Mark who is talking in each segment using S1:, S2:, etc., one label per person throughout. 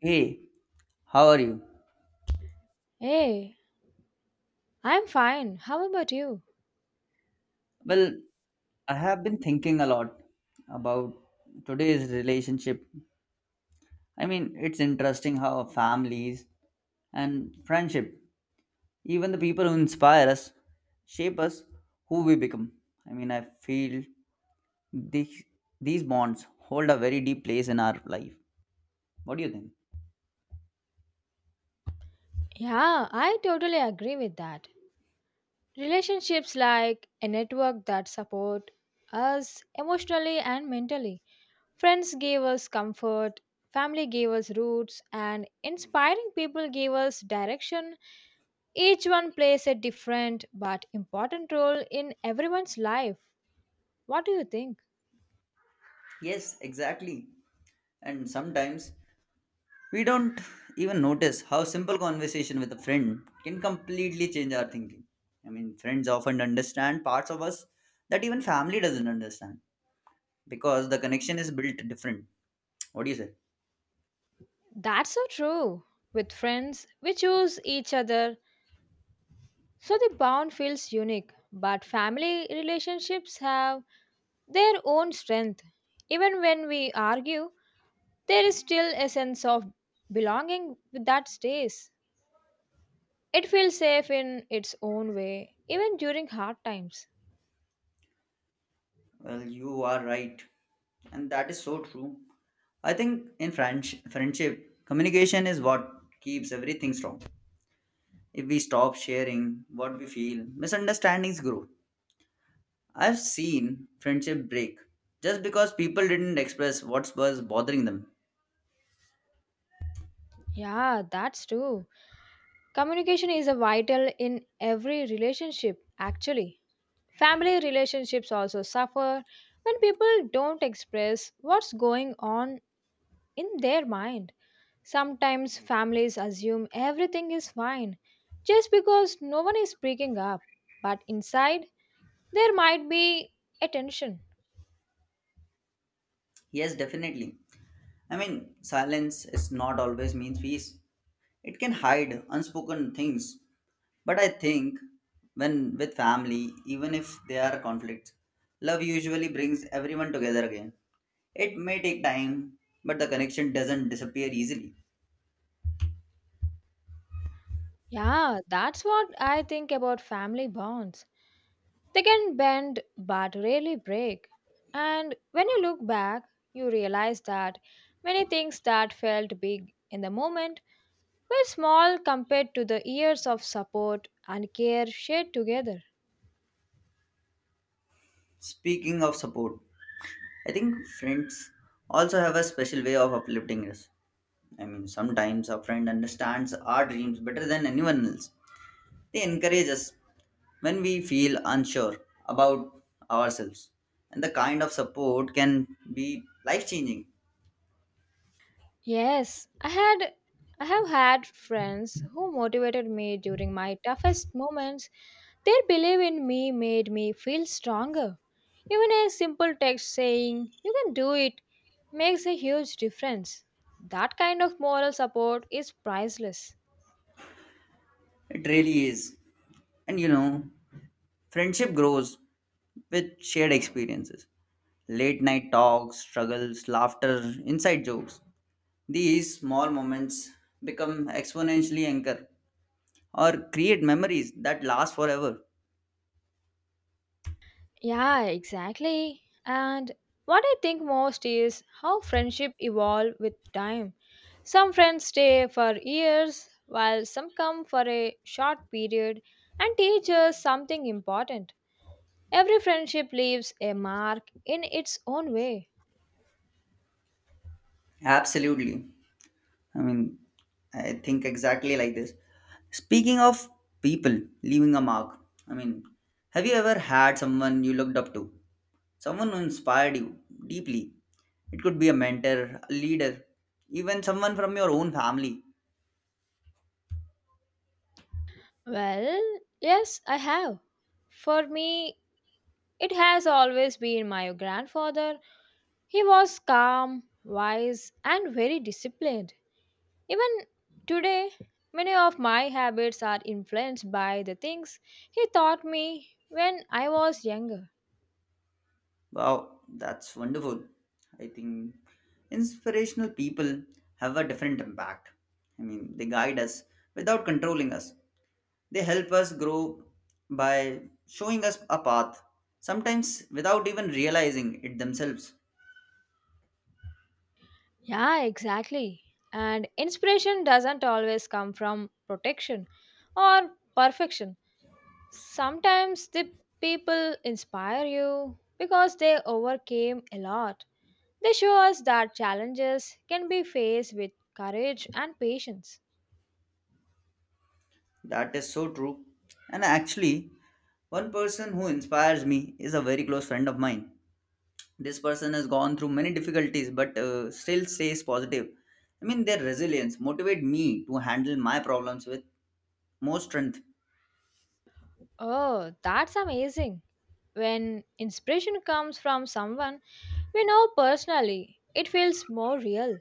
S1: Hey, how are you?
S2: Hey, I'm fine. How about you?
S1: Well, I have been thinking a lot about today's relationship. I mean, it's interesting how families and friendship, even the people who inspire us, shape us who we become. I mean, I feel these, these bonds hold a very deep place in our life. What do you think?
S2: Yeah, I totally agree with that. Relationships like a network that support us emotionally and mentally. Friends gave us comfort, family gave us roots, and inspiring people gave us direction. Each one plays a different but important role in everyone's life. What do you think?
S1: Yes, exactly. And sometimes we don't even notice how simple conversation with a friend can completely change our thinking. I mean, friends often understand parts of us that even family doesn't understand because the connection is built different. What do you say?
S2: That's so true. With friends, we choose each other, so the bond feels unique, but family relationships have their own strength. Even when we argue, there is still a sense of belonging that stays. It feels safe in its own way, even during hard times.
S1: Well, you are right, and that is so true. I think in friendship, communication is what keeps everything strong. If we stop sharing what we feel, misunderstandings grow. I've seen friendship break just because people didn't express what was bothering them.
S2: Yeah, that's true. Communication is a vital in every relationship, actually. Family relationships also suffer when people don't express what's going on in their mind. Sometimes families assume everything is fine just because no one is breaking up, but inside there might be a tension.
S1: Yes, definitely. I mean, silence is not always means peace. It can hide unspoken things. But I think when with family, even if there are conflicts, love usually brings everyone together again. It may take time, but the connection doesn't disappear easily.
S2: Yeah, that's what I think about family bonds. They can bend but rarely break. And when you look back, you realize that many things that felt big in the moment were small compared to the years of support and care shared together.
S1: Speaking of support, I think friends also have a special way of uplifting us. I mean, sometimes a friend understands our dreams better than anyone else. They encourage us when we feel unsure about ourselves. And the kind of support can be life changing.
S2: Yes, I have had friends who motivated me during my toughest moments. Their belief in me made me feel stronger. Even a simple text saying, "You can do it," makes a huge difference. That kind of moral support is priceless.
S1: It really is. And you know, friendship grows with shared experiences, late night talks, struggles, laughter, inside jokes. These small moments become exponentially anchor or create memories that last forever.
S2: Yeah, exactly. And what I think most is how friendship evolve with time. Some friends stay for years while some come for a short period and teach us something important. Every friendship leaves a mark in its own way.
S1: Absolutely. I mean, I think exactly like this. Speaking of people leaving a mark, I mean, have you ever had someone you looked up to? Someone who inspired you deeply? It could be a mentor, a leader, even someone from your own family.
S2: Well, yes, I have. For me, it has always been my grandfather. He was calm, wise, and very disciplined. Even today, many of my habits are influenced by the things he taught me when I was younger.
S1: Wow, that's wonderful. I think inspirational people have a different impact. I mean, they guide us without controlling us. They help us grow by showing us a path, sometimes without even realizing it themselves.
S2: Yeah, exactly. And inspiration doesn't always come from protection or perfection. Sometimes the people inspire you because they overcame a lot. They show us that challenges can be faced with courage and patience.
S1: That is so true. And actually, one person who inspires me is a very close friend of mine. This person has gone through many difficulties but still stays positive. I mean, their resilience motivate me to handle my problems with more strength.
S2: Oh, that's amazing. When inspiration comes from someone, we know personally, it feels more real.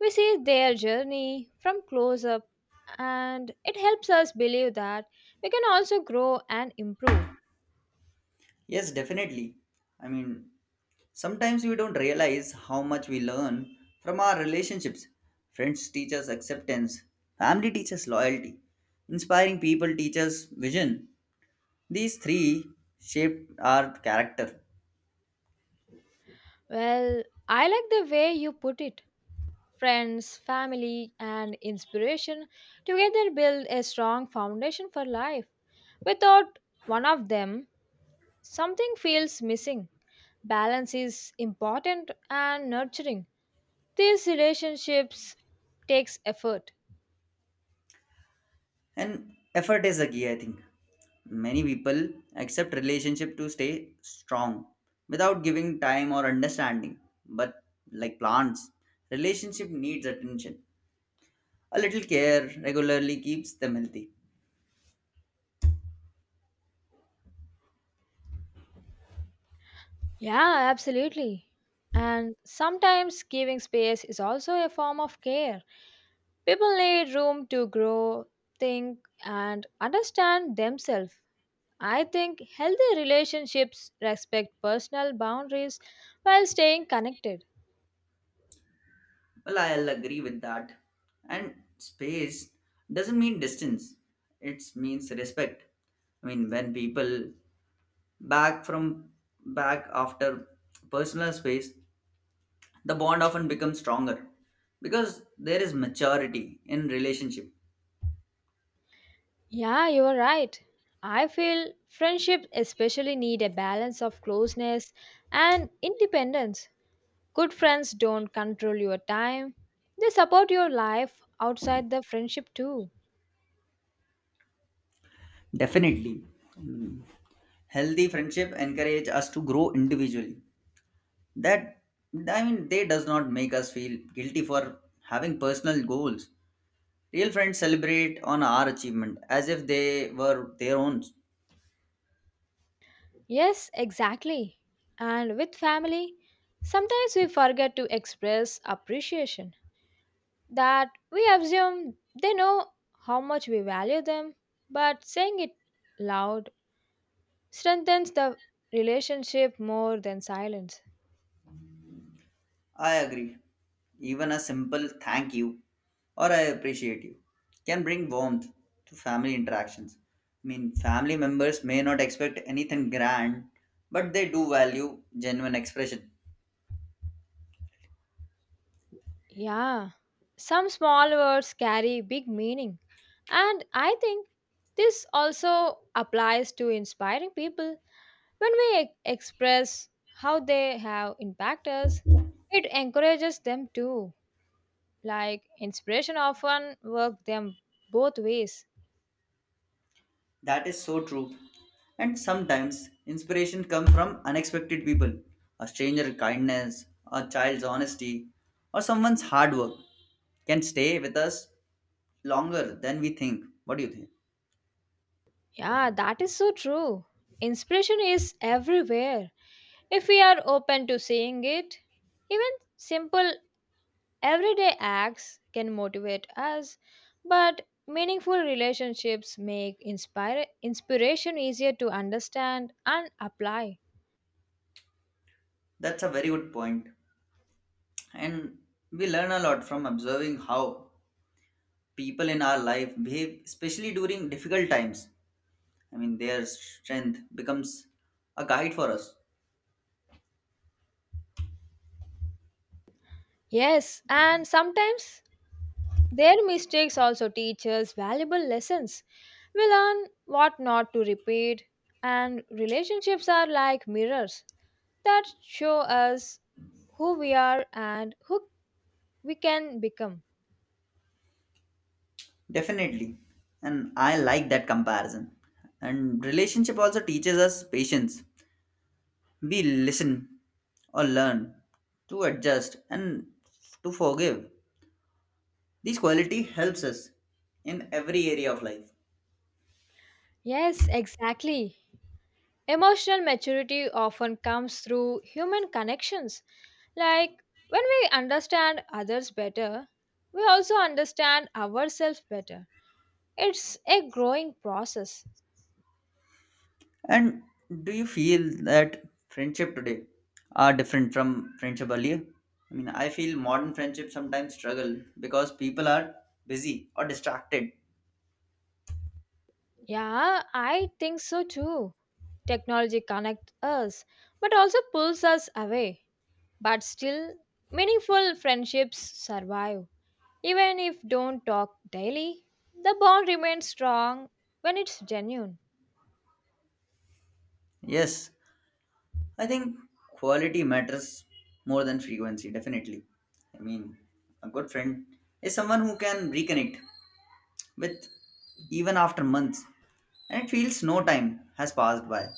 S2: We see their journey from close up, and it helps us believe that we can also grow and improve.
S1: Yes, definitely. I mean, sometimes we don't realize how much we learn from our relationships. Friends teach us acceptance, family teaches loyalty, inspiring people teach us vision. These three shape our character,
S2: Well, I like the way you put it. Friends, family, and inspiration together build a strong foundation for life. Without one of them, something feels missing. Balance is important and nurturing. These relationships takes effort.
S1: and effort is the key, I think. Many people accept relationship to stay strong without giving time or understanding, but like plants, relationship needs attention. A little care regularly keeps them healthy.
S2: Yeah, absolutely. And sometimes giving space is also a form of care. People need room to grow, think, and understand themselves. I think healthy relationships respect personal boundaries while staying connected.
S1: Well, I'll agree with that. And space doesn't mean distance, it means respect. I mean, when people back from back after personal space, the bond often becomes stronger because there is maturity in relationship.
S2: Yeah, you are right. I feel friendships especially need a balance of closeness and independence. Good friends don't control your time, they support your life outside the friendship too.
S1: Definitely. Mm. Healthy friendship encourage us to grow individually. That I mean, they does not make us feel guilty for having personal goals. Real friends celebrate on our achievement as if they were their own.
S2: Yes, exactly. And with family, sometimes we forget to express appreciation that we assume they know how much we value them, but saying it loud strengthens the relationship more than silence.
S1: I agree. Even a simple thank you or I appreciate you can bring warmth to family interactions. I mean, family members may not expect anything grand, but they do value genuine expression.
S2: Yeah, some small words carry big meaning, and I think this also applies to inspiring people. When we express how they have impacted us, it encourages them too. Like inspiration often work them both ways.
S1: That is so true. And sometimes inspiration comes from unexpected people, a stranger kindness, a child's honesty, or someone's hard work can stay with us longer than we think. What do you think?
S2: Yeah, that is so true. Inspiration is everywhere if we are open to seeing it. Even simple everyday acts can motivate us, but meaningful relationships make inspire inspiration easier to understand and apply.
S1: That's a very good point. And we learn a lot from observing how people in our life behave, especially during difficult times. I mean, their strength becomes a guide for us.
S2: Yes, and sometimes their mistakes also teach us valuable lessons. We learn what not to repeat, and relationships are like mirrors that show us who we are and who we can become.
S1: Definitely. And I like that comparison. And relationship also teaches us patience. We listen or learn to adjust and to forgive. This quality helps us in every area of life.
S2: Yes, exactly. Emotional maturity often comes through human connections. Like, when we understand others better, we also understand ourselves better. It's a growing process.
S1: And do you feel that friendship today are different from friendship earlier? I mean, I feel modern friendship sometimes struggle because people are busy or distracted.
S2: Yeah, I think so too. Technology connects us but also pulls us away. But still, meaningful friendships survive. Even if don't talk daily, the bond remains strong when it's genuine.
S1: Yes, I think quality matters more than frequency, definitely. I mean, a good friend is someone who can reconnect with even after months and it feels no time has passed by.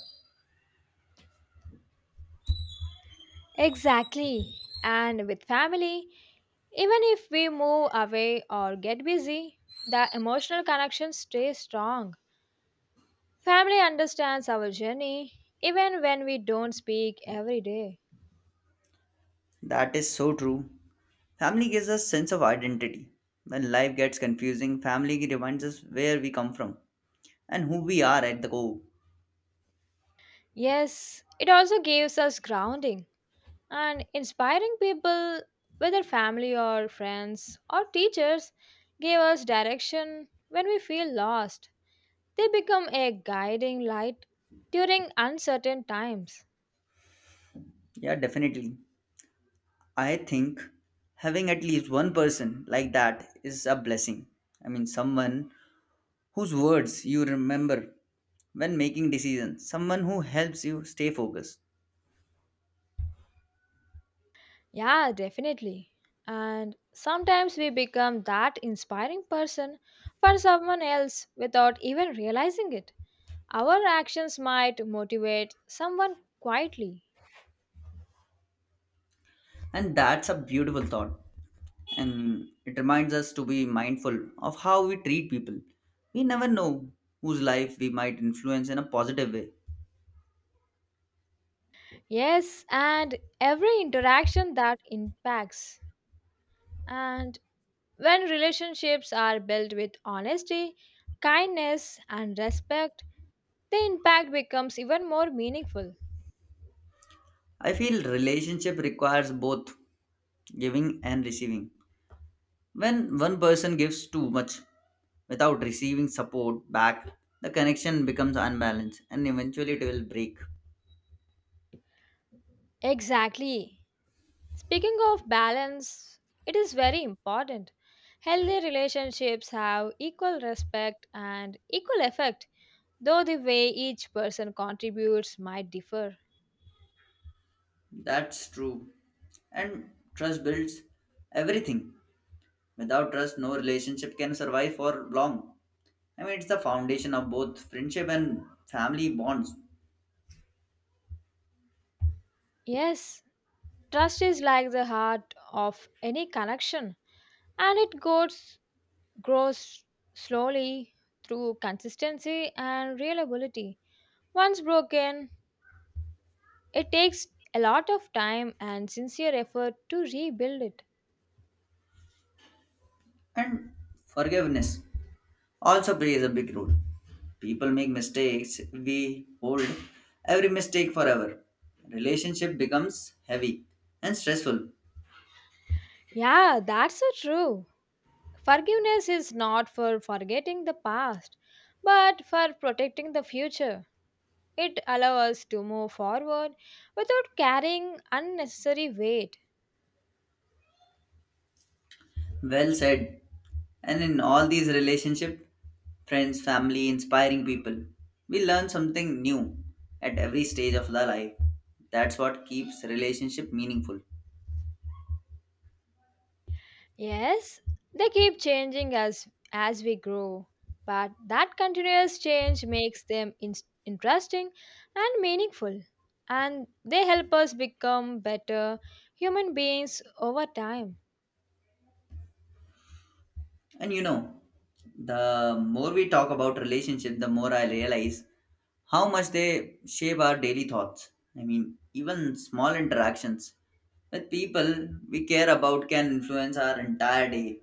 S2: Exactly. And with family, even if we move away or get busy, the emotional connection stays strong. Family understands our journey even when we don't speak every day.
S1: That is so true. Family gives us sense of identity. When life gets confusing, family reminds us where we come from and who we are at the core.
S2: Yes, it also gives us grounding, and inspiring people, whether family or friends or teachers, give us direction when we feel lost. They become a guiding light during uncertain times.
S1: Yeah, definitely. I think having at least one person like that is a blessing. I mean, someone whose words you remember when making decisions, someone who helps you stay focused.
S2: Yeah, definitely. And sometimes we become that inspiring person for someone else without even realizing it. Our actions might motivate someone quietly.
S1: And that's a beautiful thought. And it reminds us to be mindful of how we treat people. We never know whose life we might influence in a positive way.
S2: Yes, and every interaction that impacts. And when relationships are built with honesty, kindness, and respect, the impact becomes even more meaningful.
S1: I feel relationship requires both giving and receiving. When one person gives too much without receiving support back, the connection becomes unbalanced and eventually it will break.
S2: Exactly. Speaking of balance, it is very important. Healthy relationships have equal respect and equal effect, though the way each person contributes might differ.
S1: That's true. And trust builds everything. Without trust, no relationship can survive for long. I mean, it's the foundation of both friendship and family bonds,
S2: Yes, trust is like the heart of any connection, and it goes grows slowly through consistency and reliability. Once broken, it takes a lot of time and sincere effort to rebuild it.
S1: and forgiveness also plays a big role. People make mistakes, we hold every mistake forever. Relationship becomes heavy and stressful.
S2: Yeah, that's so true. Forgiveness is not for forgetting the past but for protecting the future. It allows us to move forward without carrying unnecessary weight.
S1: Well said. And in all these relationships, friends, family, inspiring people, we learn something new at every stage of the life. That's what keeps relationship meaningful.
S2: Yes, they keep changing as we grow, but that continuous change makes them interesting and meaningful, and they help us become better human beings over time.
S1: And you know, the more we talk about relationship, the more I realize how much they shape our daily thoughts. I mean, even small interactions with people we care about can influence our entire day.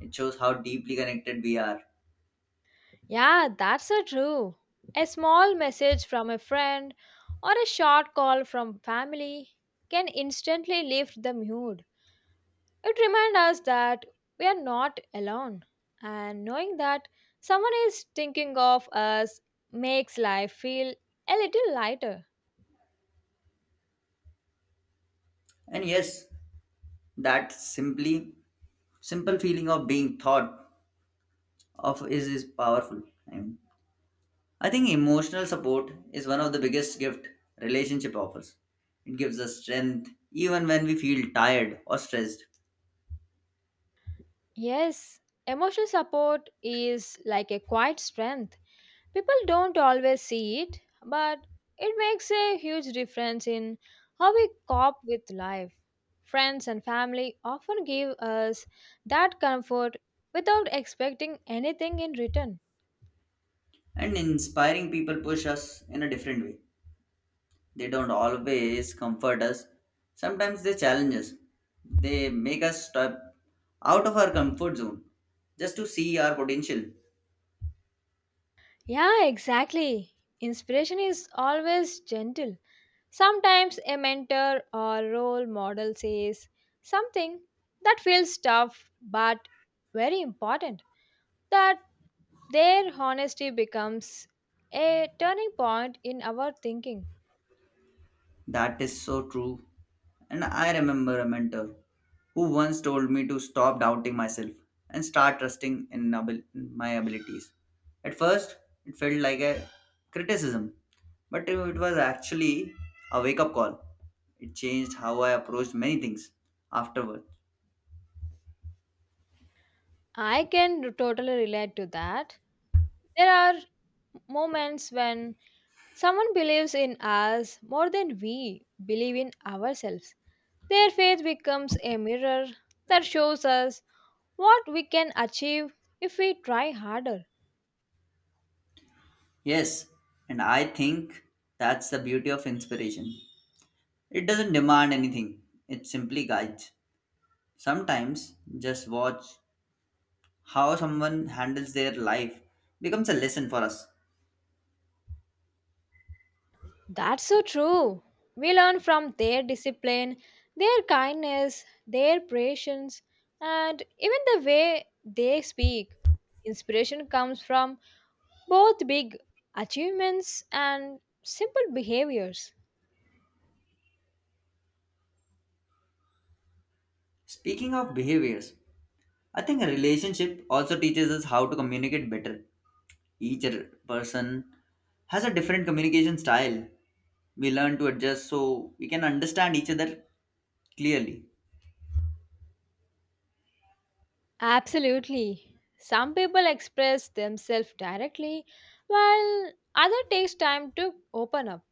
S1: It shows how deeply connected we are.
S2: Yeah, that's so true. A small message from a friend or a short call from family can instantly lift the mood. It reminds us that we are not alone, and knowing that someone is thinking of us makes life feel a little lighter.
S1: And yes, that simply simple feeling of being thought of is powerful. I mean, I think emotional support is one of the biggest gift relationship offers. It gives us strength even when we feel tired or stressed.
S2: Yes, emotional support is like a quiet strength. People don't always see it, but it makes a huge difference in how we cope with life. Friends and family often give us that comfort without expecting anything in return.
S1: And inspiring people push us in a different way. They don't always comfort us. Sometimes they challenge us. They make us step out of our comfort zone just to see our potential.
S2: Yeah, exactly. Inspiration is always gentle. Sometimes a mentor or role model says something that feels tough but very important, that their honesty becomes a turning point in our thinking.
S1: That is so true. And I remember a mentor who once told me to stop doubting myself and start trusting in my abilities. At first, it felt like a criticism, but it was actually a wake up call. It changed how I approached many things afterward.
S2: I can totally relate to that. There are moments when someone believes in us more than we believe in ourselves. Their faith becomes a mirror that shows us what we can achieve if we try harder.
S1: Yes, and I think that's the beauty of inspiration. It doesn't demand anything, it simply guides. Sometimes just watch how someone handles their life becomes a lesson for us.
S2: That's so true. We learn from their discipline, their kindness, their patience, and even the way they speak. Inspiration comes from both big achievements and simple behaviors.
S1: Speaking of behaviors, I think a relationship also teaches us how to communicate better. Each person has a different communication style. We learn to adjust so we can understand each other clearly.
S2: Absolutely. Some people express themselves directly, while others takes time to open up.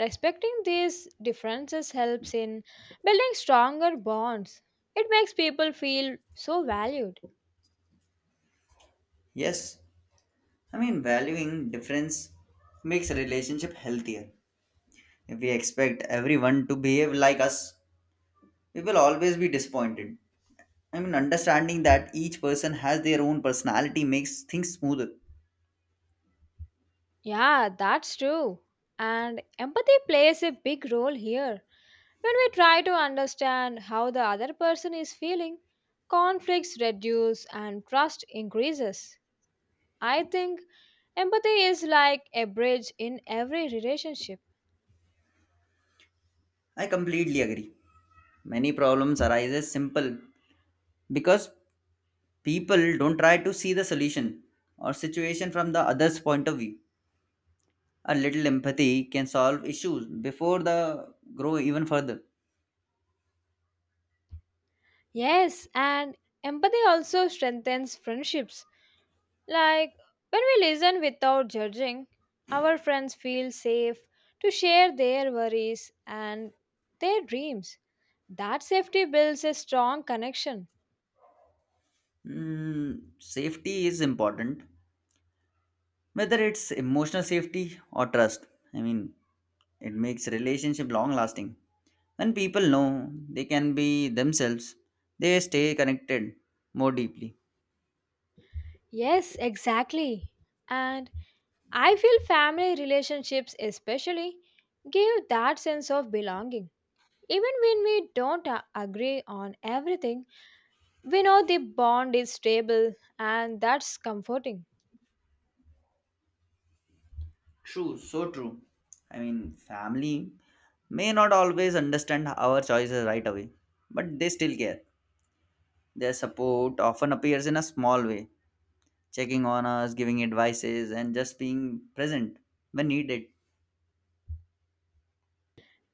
S2: Respecting these differences helps in building stronger bonds. It makes people feel so valued.
S1: Yes, I mean, valuing difference makes a relationship healthier. If we expect everyone to behave like us, we will always be disappointed. I mean, understanding that each person has their own personality makes things smoother.
S2: Yeah, that's true. And empathy plays a big role here. When we try to understand how the other person is feeling, conflicts reduce and trust increases. I think empathy is like a bridge in every relationship.
S1: I completely agree. Many problems arises simple because people don't try to see the solution or situation from the other's point of view. A little empathy can solve issues before the grow even further.
S2: Yes, and empathy also strengthens friendships. Like, when we listen without judging, our friends feel safe to share their worries and their dreams. That safety builds a strong connection.
S1: Mm, safety is important, whether it's emotional safety or trust. I mean, it makes relationship long lasting. When people know they can be themselves, they stay connected more deeply.
S2: Yes, exactly. And I feel family relationships, especially, give that sense of belonging. Even when we don't agree on everything, we know the bond is stable, and that's comforting.
S1: True, so true. I mean, family may not always understand our choices right away, but they still care. Their support often appears in a small way, checking on us, giving advices, and just being present when needed.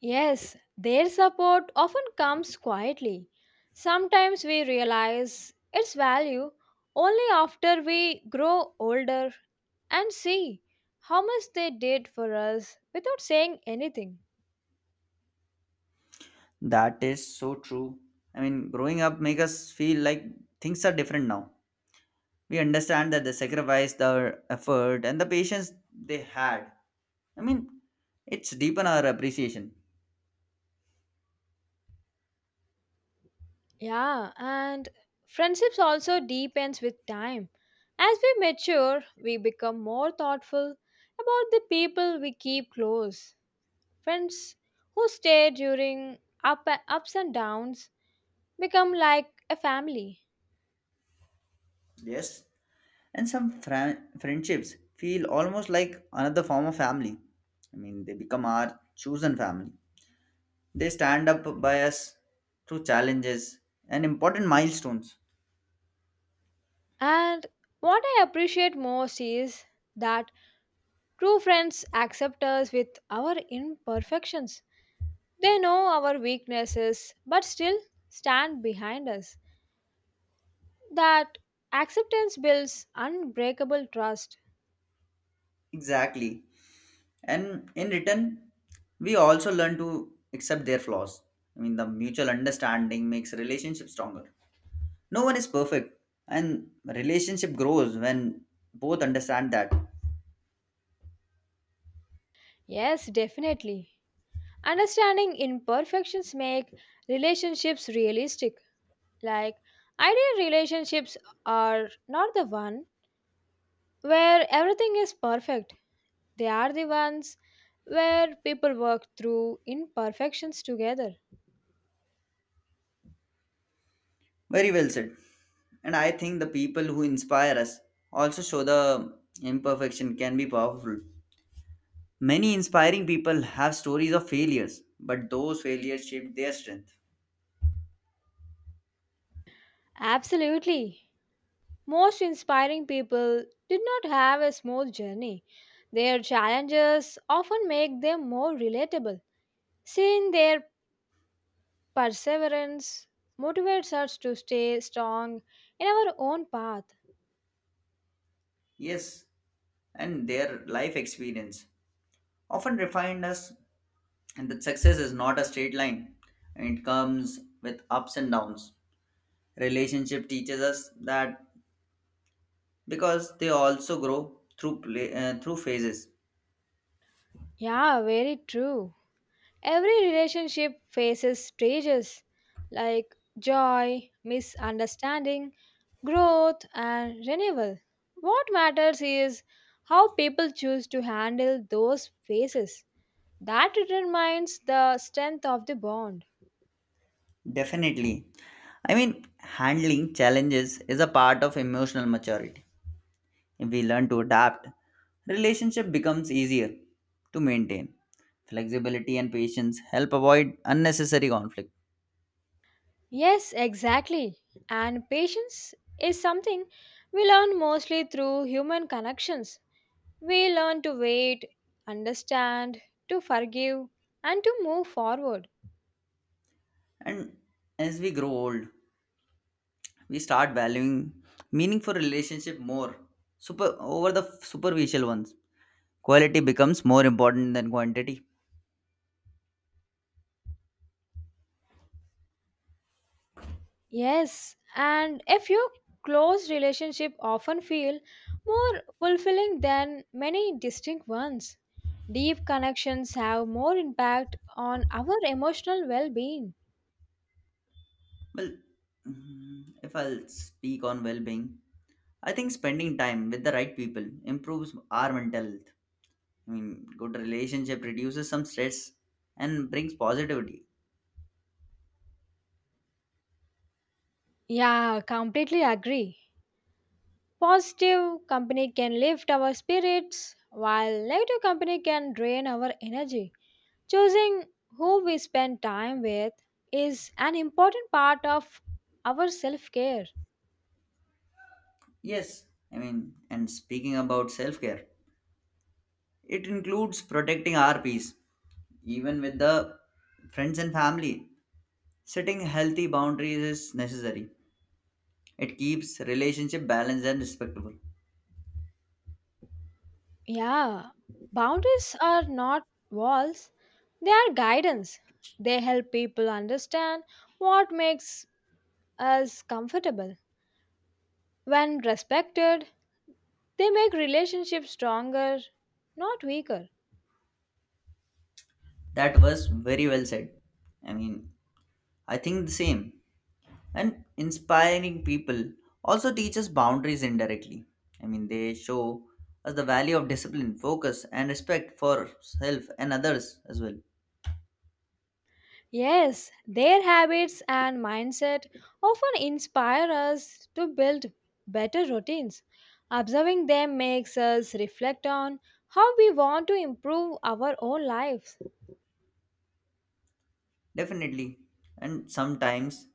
S2: Yes, their support often comes quietly. Sometimes we realize its value only after we grow older and see how much they did for us without saying anything.
S1: That is so true. I mean, growing up make us feel like things are different now. We understand that they sacrificed their effort and the patience they had. I mean, it's deepen our appreciation.
S2: Yeah, and friendships also deepens with time. As we mature, we become more thoughtful about the people we keep close. Friends who stay during up ups and downs become like a family.
S1: Yes. And some friendships feel almost like another form of family. I mean, they become our chosen family. They stand up by us through challenges and important milestones.
S2: And what I appreciate most is that true friends accept us with our imperfections. They know our weaknesses but still stand behind us. That acceptance builds unbreakable trust.
S1: Exactly. And in return, we also learn to accept their flaws. I mean, the mutual understanding makes relationship stronger. No one is perfect, and relationship grows when both understand that.
S2: Yes, definitely. Understanding imperfections make relationships realistic. Like, ideal relationships are not the one where everything is perfect. They are the ones where people work through imperfections together.
S1: Very well said. And I think the people who inspire us also show the imperfection can be powerful. Many inspiring people have stories of failures, but those failures shaped their strength.
S2: Absolutely. Most inspiring people did not have a smooth journey. Their challenges often make them more relatable. Seeing their perseverance motivates us to stay strong in our own path.
S1: Yes, and their life experience often refined us, and that success is not a straight line and it comes with ups and downs. Relationship teaches us that because they also grow through through phases.
S2: Yeah, very true. Every relationship faces stages like joy, misunderstanding, growth, and renewal. What matters is how people choose to handle those phases. That determines the strength of the bond.
S1: Definitely. I mean, handling challenges is a part of emotional maturity. If we learn to adapt, relationship becomes easier to maintain. Flexibility and patience help avoid unnecessary conflict.
S2: Yes, exactly. And patience is something we learn mostly through human connections. We learn to wait, understand, to forgive, and to move forward.
S1: And as we grow old, we start valuing meaningful relationship more, super over the superficial ones. Quality becomes more important than quantity.
S2: Yes, and a few close relationships often feel more fulfilling than many distinct ones. Deep connections have more impact on our emotional well being.
S1: Well, mm, if I'll speak on well-being, I think spending time with the right people improves our mental health. I mean, good relationship reduces some stress and brings positivity.
S2: Yeah, completely agree. Positive company can lift our spirits, while negative company can drain our energy. Choosing who we spend time with is an important part of our self care.
S1: Yes. I mean, and speaking about self-care, it includes protecting our peace even with the friends and family. Setting healthy boundaries is necessary. It keeps relationship balanced and respectful.
S2: Yeah, boundaries are not walls, they are guidance. They help people understand what makes us comfortable. When respected, they make relationships stronger, not weaker.
S1: That was very well said. I mean, I think the same. And inspiring people also teach us boundaries indirectly. I mean, they show us the value of discipline, focus, and respect for self and others as well.
S2: Yes, their habits and mindset often inspire us to build better routines. Observing them makes us reflect on how we want to improve our own lives.
S1: Definitely. And sometimes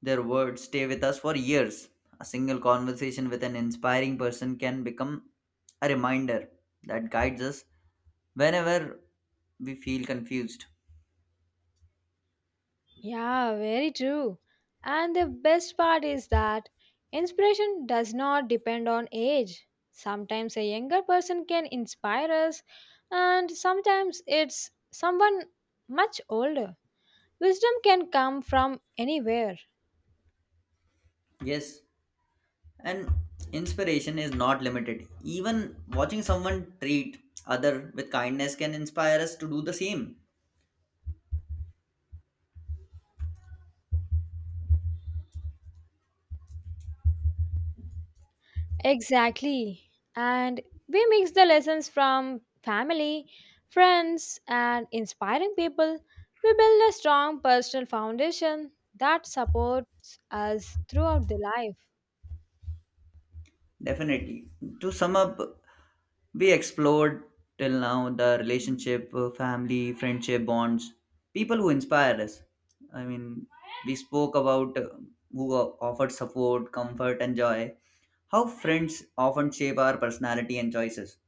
S1: their words stay with us for years. A single conversation with an inspiring person can become a reminder that guides us whenever we feel confused.
S2: Yeah, very true. And the best part is that inspiration does not depend on age. Sometimes a younger person can inspire us, and sometimes it's someone much older. Wisdom can come from anywhere.
S1: Yes, and inspiration is not limited. Even watching someone treat other with kindness can inspire us to do the same.
S2: Exactly. And we mix the lessons from family, friends, and inspiring people. We build a strong personal foundation that supports us throughout the life.
S1: Definitely. To sum up, we explored till now the relationship, family, friendship, bonds, people who inspire us. I mean, we spoke about who offered support, comfort, and joy, how friends often shape our personality and choices.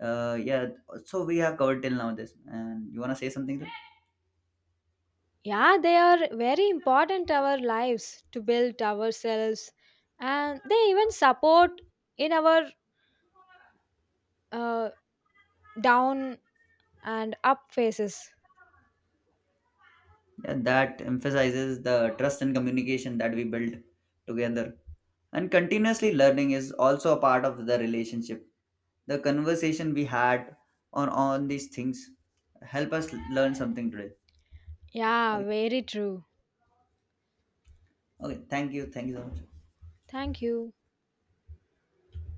S1: Yeah, so we have covered till now this. And you want to say something?
S2: Yeah, they are very important our lives to build ourselves, and they even support in our uh, down and up phases.
S1: And that emphasizes the trust and communication that we build together. And continuously learning is also a part of the relationship. The conversation we had on these things help us learn something today.
S2: Yeah,
S1: Okay.
S2: very true.
S1: Okay. Thank you. Thank you so much.
S2: Thank you.